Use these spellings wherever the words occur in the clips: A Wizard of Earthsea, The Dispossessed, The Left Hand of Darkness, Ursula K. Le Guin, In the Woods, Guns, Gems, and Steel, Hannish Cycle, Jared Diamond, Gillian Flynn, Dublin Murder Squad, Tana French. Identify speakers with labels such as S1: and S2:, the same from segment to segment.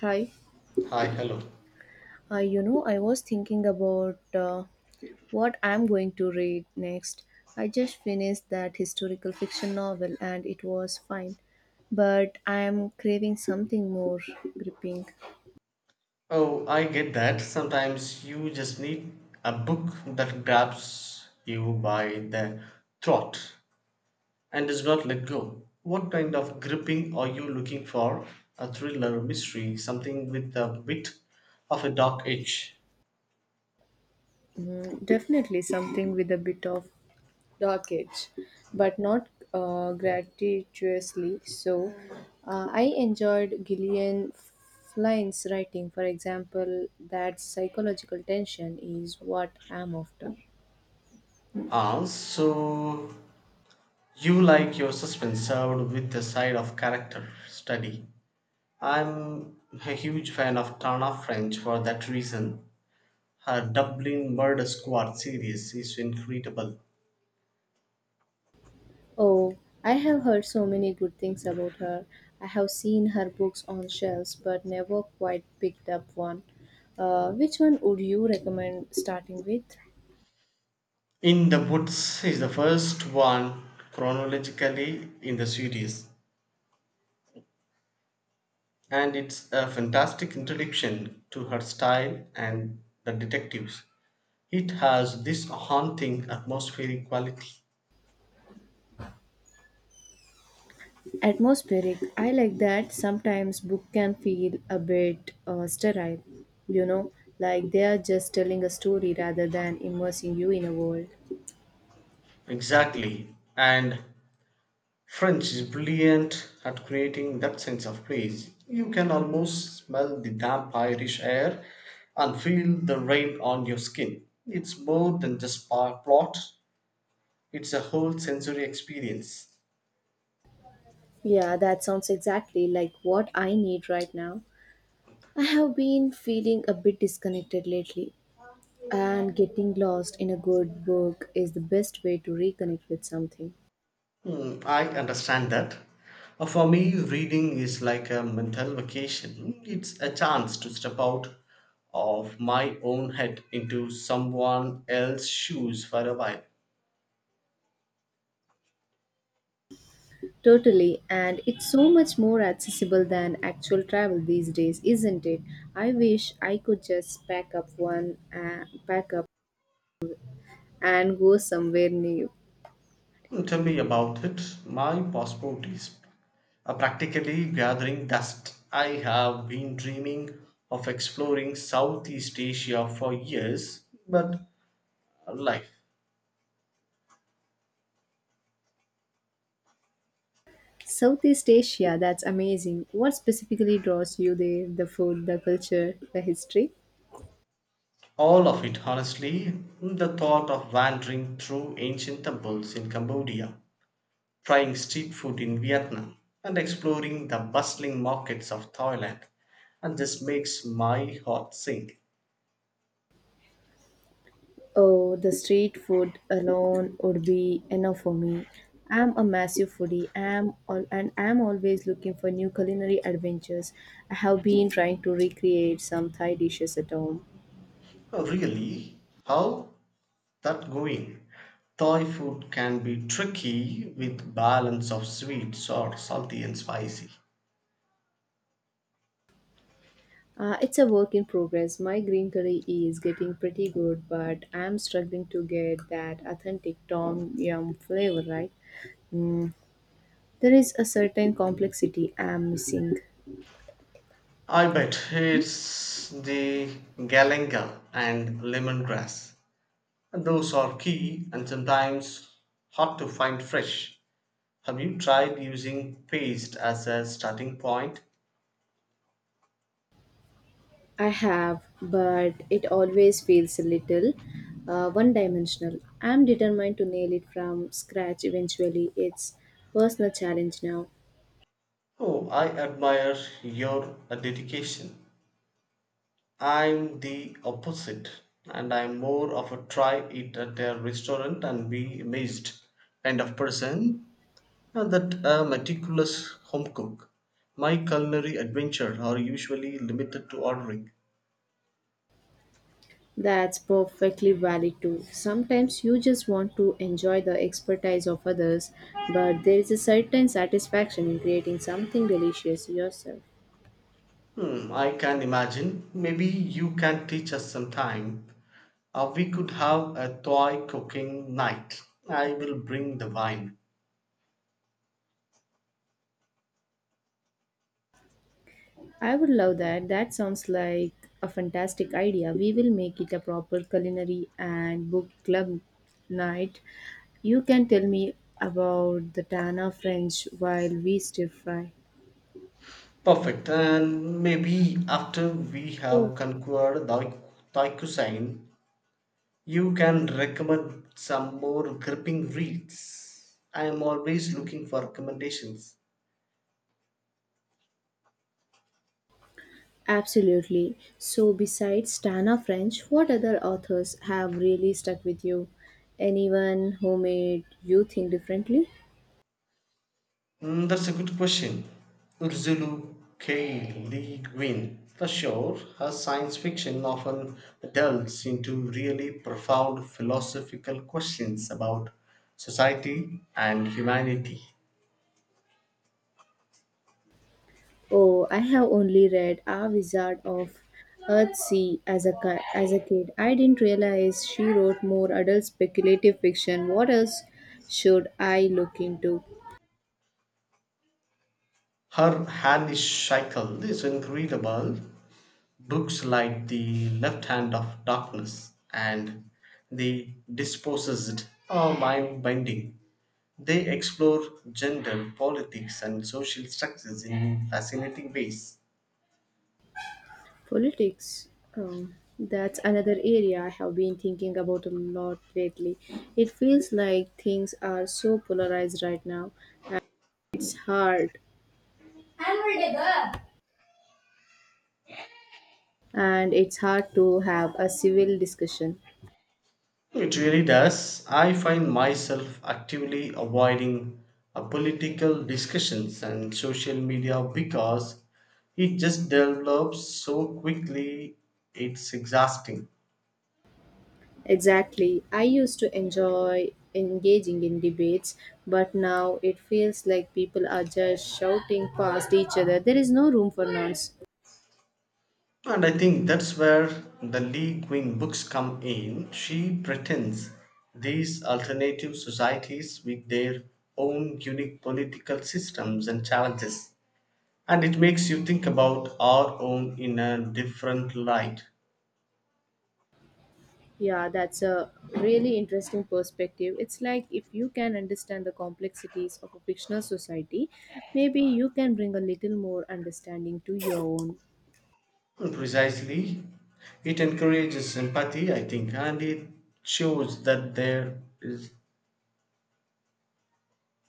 S1: Hi.
S2: Hi, hello.
S1: I was thinking about what I'm going to read next. I just finished that historical fiction novel and it was fine, but I'm craving something more gripping.
S2: Oh, I get that. Sometimes you just need a book that grabs you by the throat and does not let go. What kind of gripping are you looking for? A thriller, mystery, something with a bit of a dark edge.
S1: Mm, definitely something with a bit of dark edge, but not gratuitously so. I enjoyed Gillian Flynn's writing, for example. That psychological tension is what I'm after.
S2: Ah, so you like your suspense served with a side of character study. I'm a huge fan of Tana French for that reason. Her Dublin Murder Squad series is incredible.
S1: Oh, I have heard so many good things about her. I have seen her books on shelves but never quite picked up one. Which one would you recommend starting with?
S2: In the Woods is the first one chronologically in the series, and it's a fantastic introduction to her style and the detectives. It has this haunting atmospheric quality.
S1: Atmospheric. I like that. Sometimes book can feel a bit sterile, you know, like they are just telling a story rather than immersing you in a world.
S2: Exactly, and French is brilliant at creating that sense of place. You can almost smell the damp Irish air and feel the rain on your skin. It's more than just plot, it's a whole sensory experience.
S1: Yeah, that sounds exactly like what I need right now. I have been feeling a bit disconnected lately, and getting lost in a good book is the best way to reconnect with something.
S2: Hmm, I understand that. For me, reading is like a mental vacation. It's a chance to step out of my own head into someone else's shoes for a while.
S1: Totally, and it's so much more accessible than actual travel these days, isn't it? I wish I could just pack up and go somewhere new.
S2: Mm, tell me about it. My passport is practically gathering dust. I have been dreaming of exploring Southeast Asia for years, but life,
S1: Southeast Asia, that's amazing. What specifically draws you there? The food, the culture, the history?
S2: all of it honestly, the thought of wandering through ancient temples in Cambodia, trying street food in Vietnam, and exploring the bustling markets of Thailand, and this makes my heart sink.
S1: Oh, the street food alone would be enough for me. I'm a massive foodie, and I'm always looking for new culinary adventures. I have been trying to recreate some Thai dishes at home.
S2: Really? How that going. Thai food can be tricky with balance of sweet, sour, salty and spicy.
S1: It's a work in progress. My green curry is getting pretty good, but I'm struggling to get that authentic Tom Yum flavor right. There is a certain complexity I'm missing.
S2: I bet it's the galangal and lemongrass. Those are key and sometimes hard to find fresh. Have you tried using paste as a starting point?
S1: I have, but it always feels a little one dimensional. I'm determined to nail it from scratch eventually. It's personal challenge now.
S2: Oh, I admire your dedication. I'm the opposite, and I'm more of a try it at a restaurant and be amazed kind of person that a meticulous home cook. My culinary adventures are usually limited to ordering.
S1: That's perfectly valid too. Sometimes you just want to enjoy the expertise of others, but there is a certain satisfaction in creating something delicious yourself.
S2: Hmm, I can imagine. Maybe you can teach us sometime. We could have a toy cooking night. I will bring the wine.
S1: I would love that. That sounds like a fantastic idea. We will make it a proper culinary and book club night. You can tell me about the Tana French while we stir fry.
S2: Perfect. And maybe after we have conquered Thai cuisine, you can recommend some more gripping reads. I am always looking for recommendations.
S1: Absolutely. So, besides Tana French, what other authors have really stuck with you? Anyone who made you think differently?
S2: Mm, that's a good question. Ursula K. Le Guin, for sure, her science fiction often delves into really profound philosophical questions about society and humanity.
S1: Oh, I have only read A Wizard of Earthsea as as a kid. I didn't realize she wrote more adult speculative fiction. What else should I look into?
S2: Her Hannish Cycle is incredible. Books like The Left Hand of Darkness and The Dispossessed are mind binding. They explore gender, politics, and social structures in fascinating ways.
S1: Politics. That's another area I have been thinking about a lot lately. It feels like things are so polarized right now. and It's hard. And it's hard to have a civil discussion.
S2: It really does. I find myself actively avoiding political discussions and social media because it just develops so quickly, it's exhausting.
S1: Exactly. I used to enjoy engaging in debates, but now it feels like people are just shouting past each other. There is no room for nuance.
S2: And I think that's where the Lee Guin books come in. She pretends these alternative societies with their own unique political systems and challenges. And it makes you think about our own in a different light.
S1: Yeah, that's a really interesting perspective. It's like if you can understand the complexities of a fictional society, maybe you can bring a little more understanding to your own.
S2: Precisely, it encourages empathy, I think, and it shows that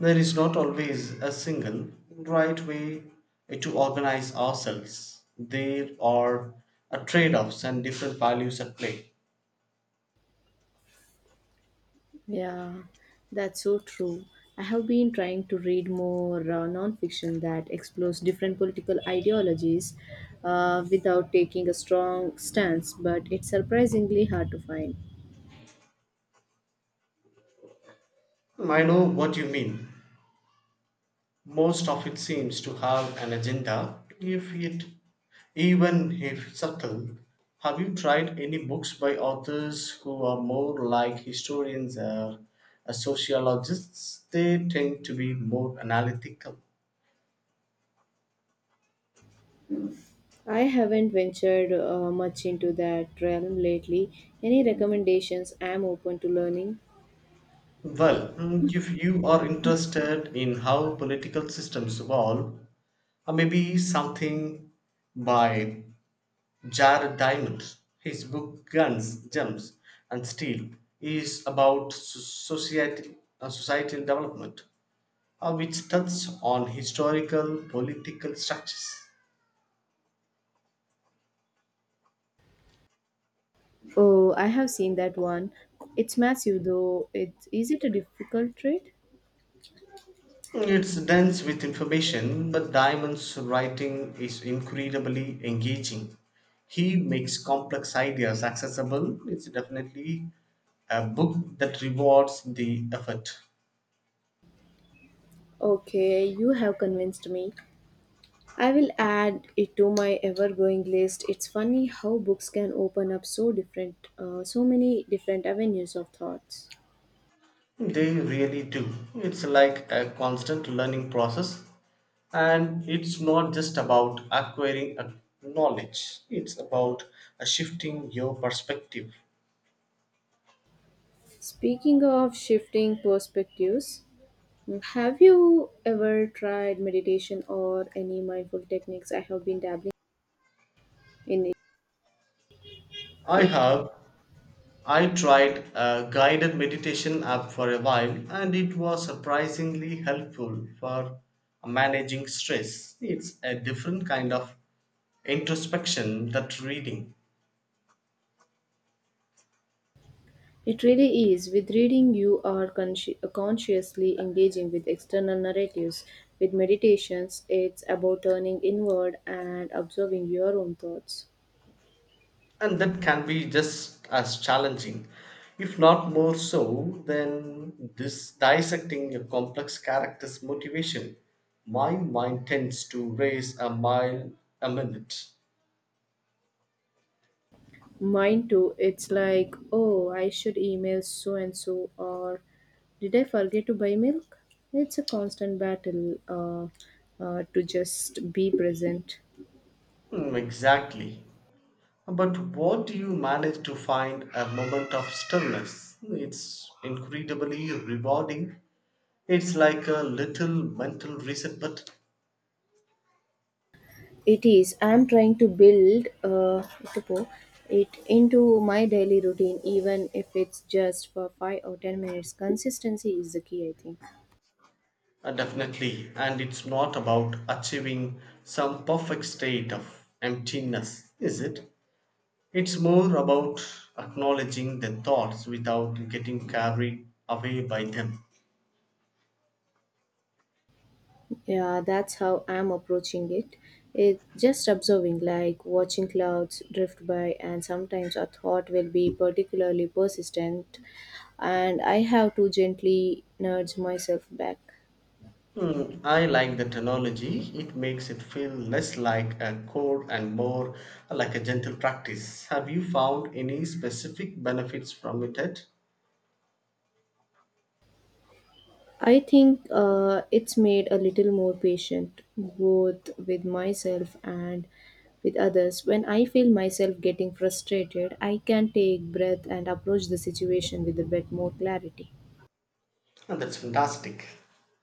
S2: there is not always a single right way to organize ourselves. There are trade offs and different values at play.
S1: Yeah, that's so true. I have been trying to read more nonfiction that explores different political ideologies without taking a strong stance, but it's surprisingly hard to find.
S2: I know what you mean. Most of it seems to have an agenda, if it even if subtle. Have you tried any books by authors who are more like historians or sociologists? They tend to be more analytical.
S1: I haven't ventured much into that realm lately. Any recommendations? I'm open to learning.
S2: Well, mm, if you are interested in how political systems evolve, maybe something by Jared Diamond. His book Guns, Gems, and Steel is about society, societal development, which touches on historical political structures.
S1: Oh, I have seen that one. It's massive though. Is it a difficult trade?
S2: It's dense with information, but Diamond's writing is incredibly engaging. He makes complex ideas accessible. It's definitely a book that rewards the effort.
S1: Okay, you have convinced me. I will add it to my ever-growing list. It's funny how books can open up so many different avenues of thoughts.
S2: They really do. It's like a constant learning process, and it's not just about acquiring a knowledge, it's about a shifting your perspective.
S1: Speaking of shifting perspectives, have you ever tried meditation or any mindful techniques? I have been dabbling in
S2: I
S1: it.
S2: have I tried a guided meditation app for a while and it was surprisingly helpful for managing stress. It's a different kind of introspection that reading,
S1: It really is. With reading, you are consciously engaging with external narratives. With meditations, it's about turning inward and observing your own thoughts.
S2: and that can be just as challenging if not more so than this dissecting a complex character's motivation. My mind tends to race a mile a minute.
S1: Mine too. It's like, oh, I should email so and so, or did I forget to buy milk? It's a constant battle to just be present.
S2: Hmm, exactly. But what do you manage to find a moment of stillness? It's incredibly rewarding. It's like a little mental reset, but
S1: It is. I'm trying to build it into my daily routine, even if it's just for 5 or 10 minutes. Consistency is the key, I think.
S2: definitely, and it's not about achieving some perfect state of emptiness, is it? It's more about acknowledging the thoughts without getting carried away by them.
S1: Yeah, that's how I'm approaching it. It just observing, like watching clouds drift by, and sometimes a thought will be particularly persistent, and I have to gently nudge myself back.
S2: Hmm, I like the technology. It makes it feel less like a chore and more like a gentle practice. Have you found any specific benefits from it yet?
S1: I think it's made a little more patient, both with myself and with others. When I feel myself getting frustrated, I can take breath and approach the situation with a bit more clarity.
S2: Oh, that's fantastic.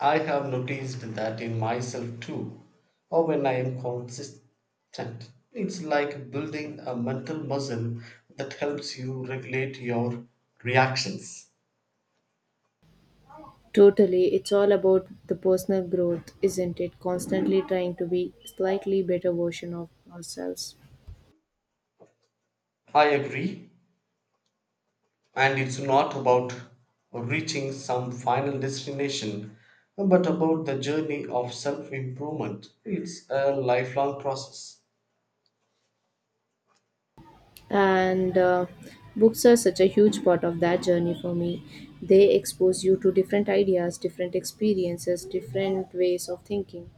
S2: I have noticed that in myself too, or when I am consistent. It's like building a mental muscle that helps you regulate your reactions.
S1: Totally, it's all about the personal growth, isn't it? Constantly trying to be slightly better version of ourselves.
S2: I agree. And it's not about reaching some final destination, but about the journey of self improvement. It's a lifelong process.
S1: And Books are such a huge part of that journey for me. They expose you to different ideas, different experiences, different ways of thinking.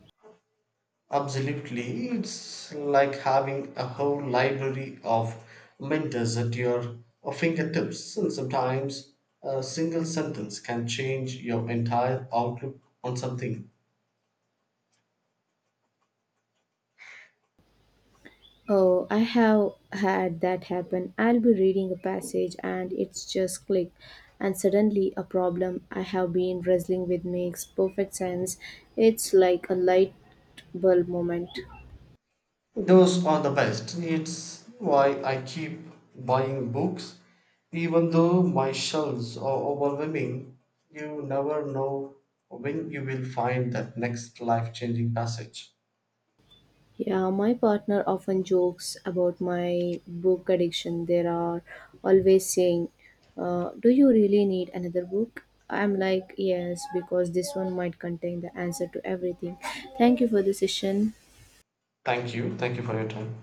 S2: Absolutely. It's like having a whole library of mentors at your fingertips, and sometimes a single sentence can change your entire outlook on something.
S1: Oh, I have had that happen. I'll be reading a passage and it's just click, and suddenly a problem I have been wrestling with makes perfect sense. It's like a light bulb moment.
S2: Those are the best. It's why I keep buying books, even though my shelves are overwhelming. You never know when you will find that next life changing passage.
S1: Yeah, my partner often jokes about my book addiction. They are always saying, "Do you really need another book?" I'm like, "Yes, because this one might contain the answer to everything." Thank you for the session.
S2: Thank you. Thank you for your time.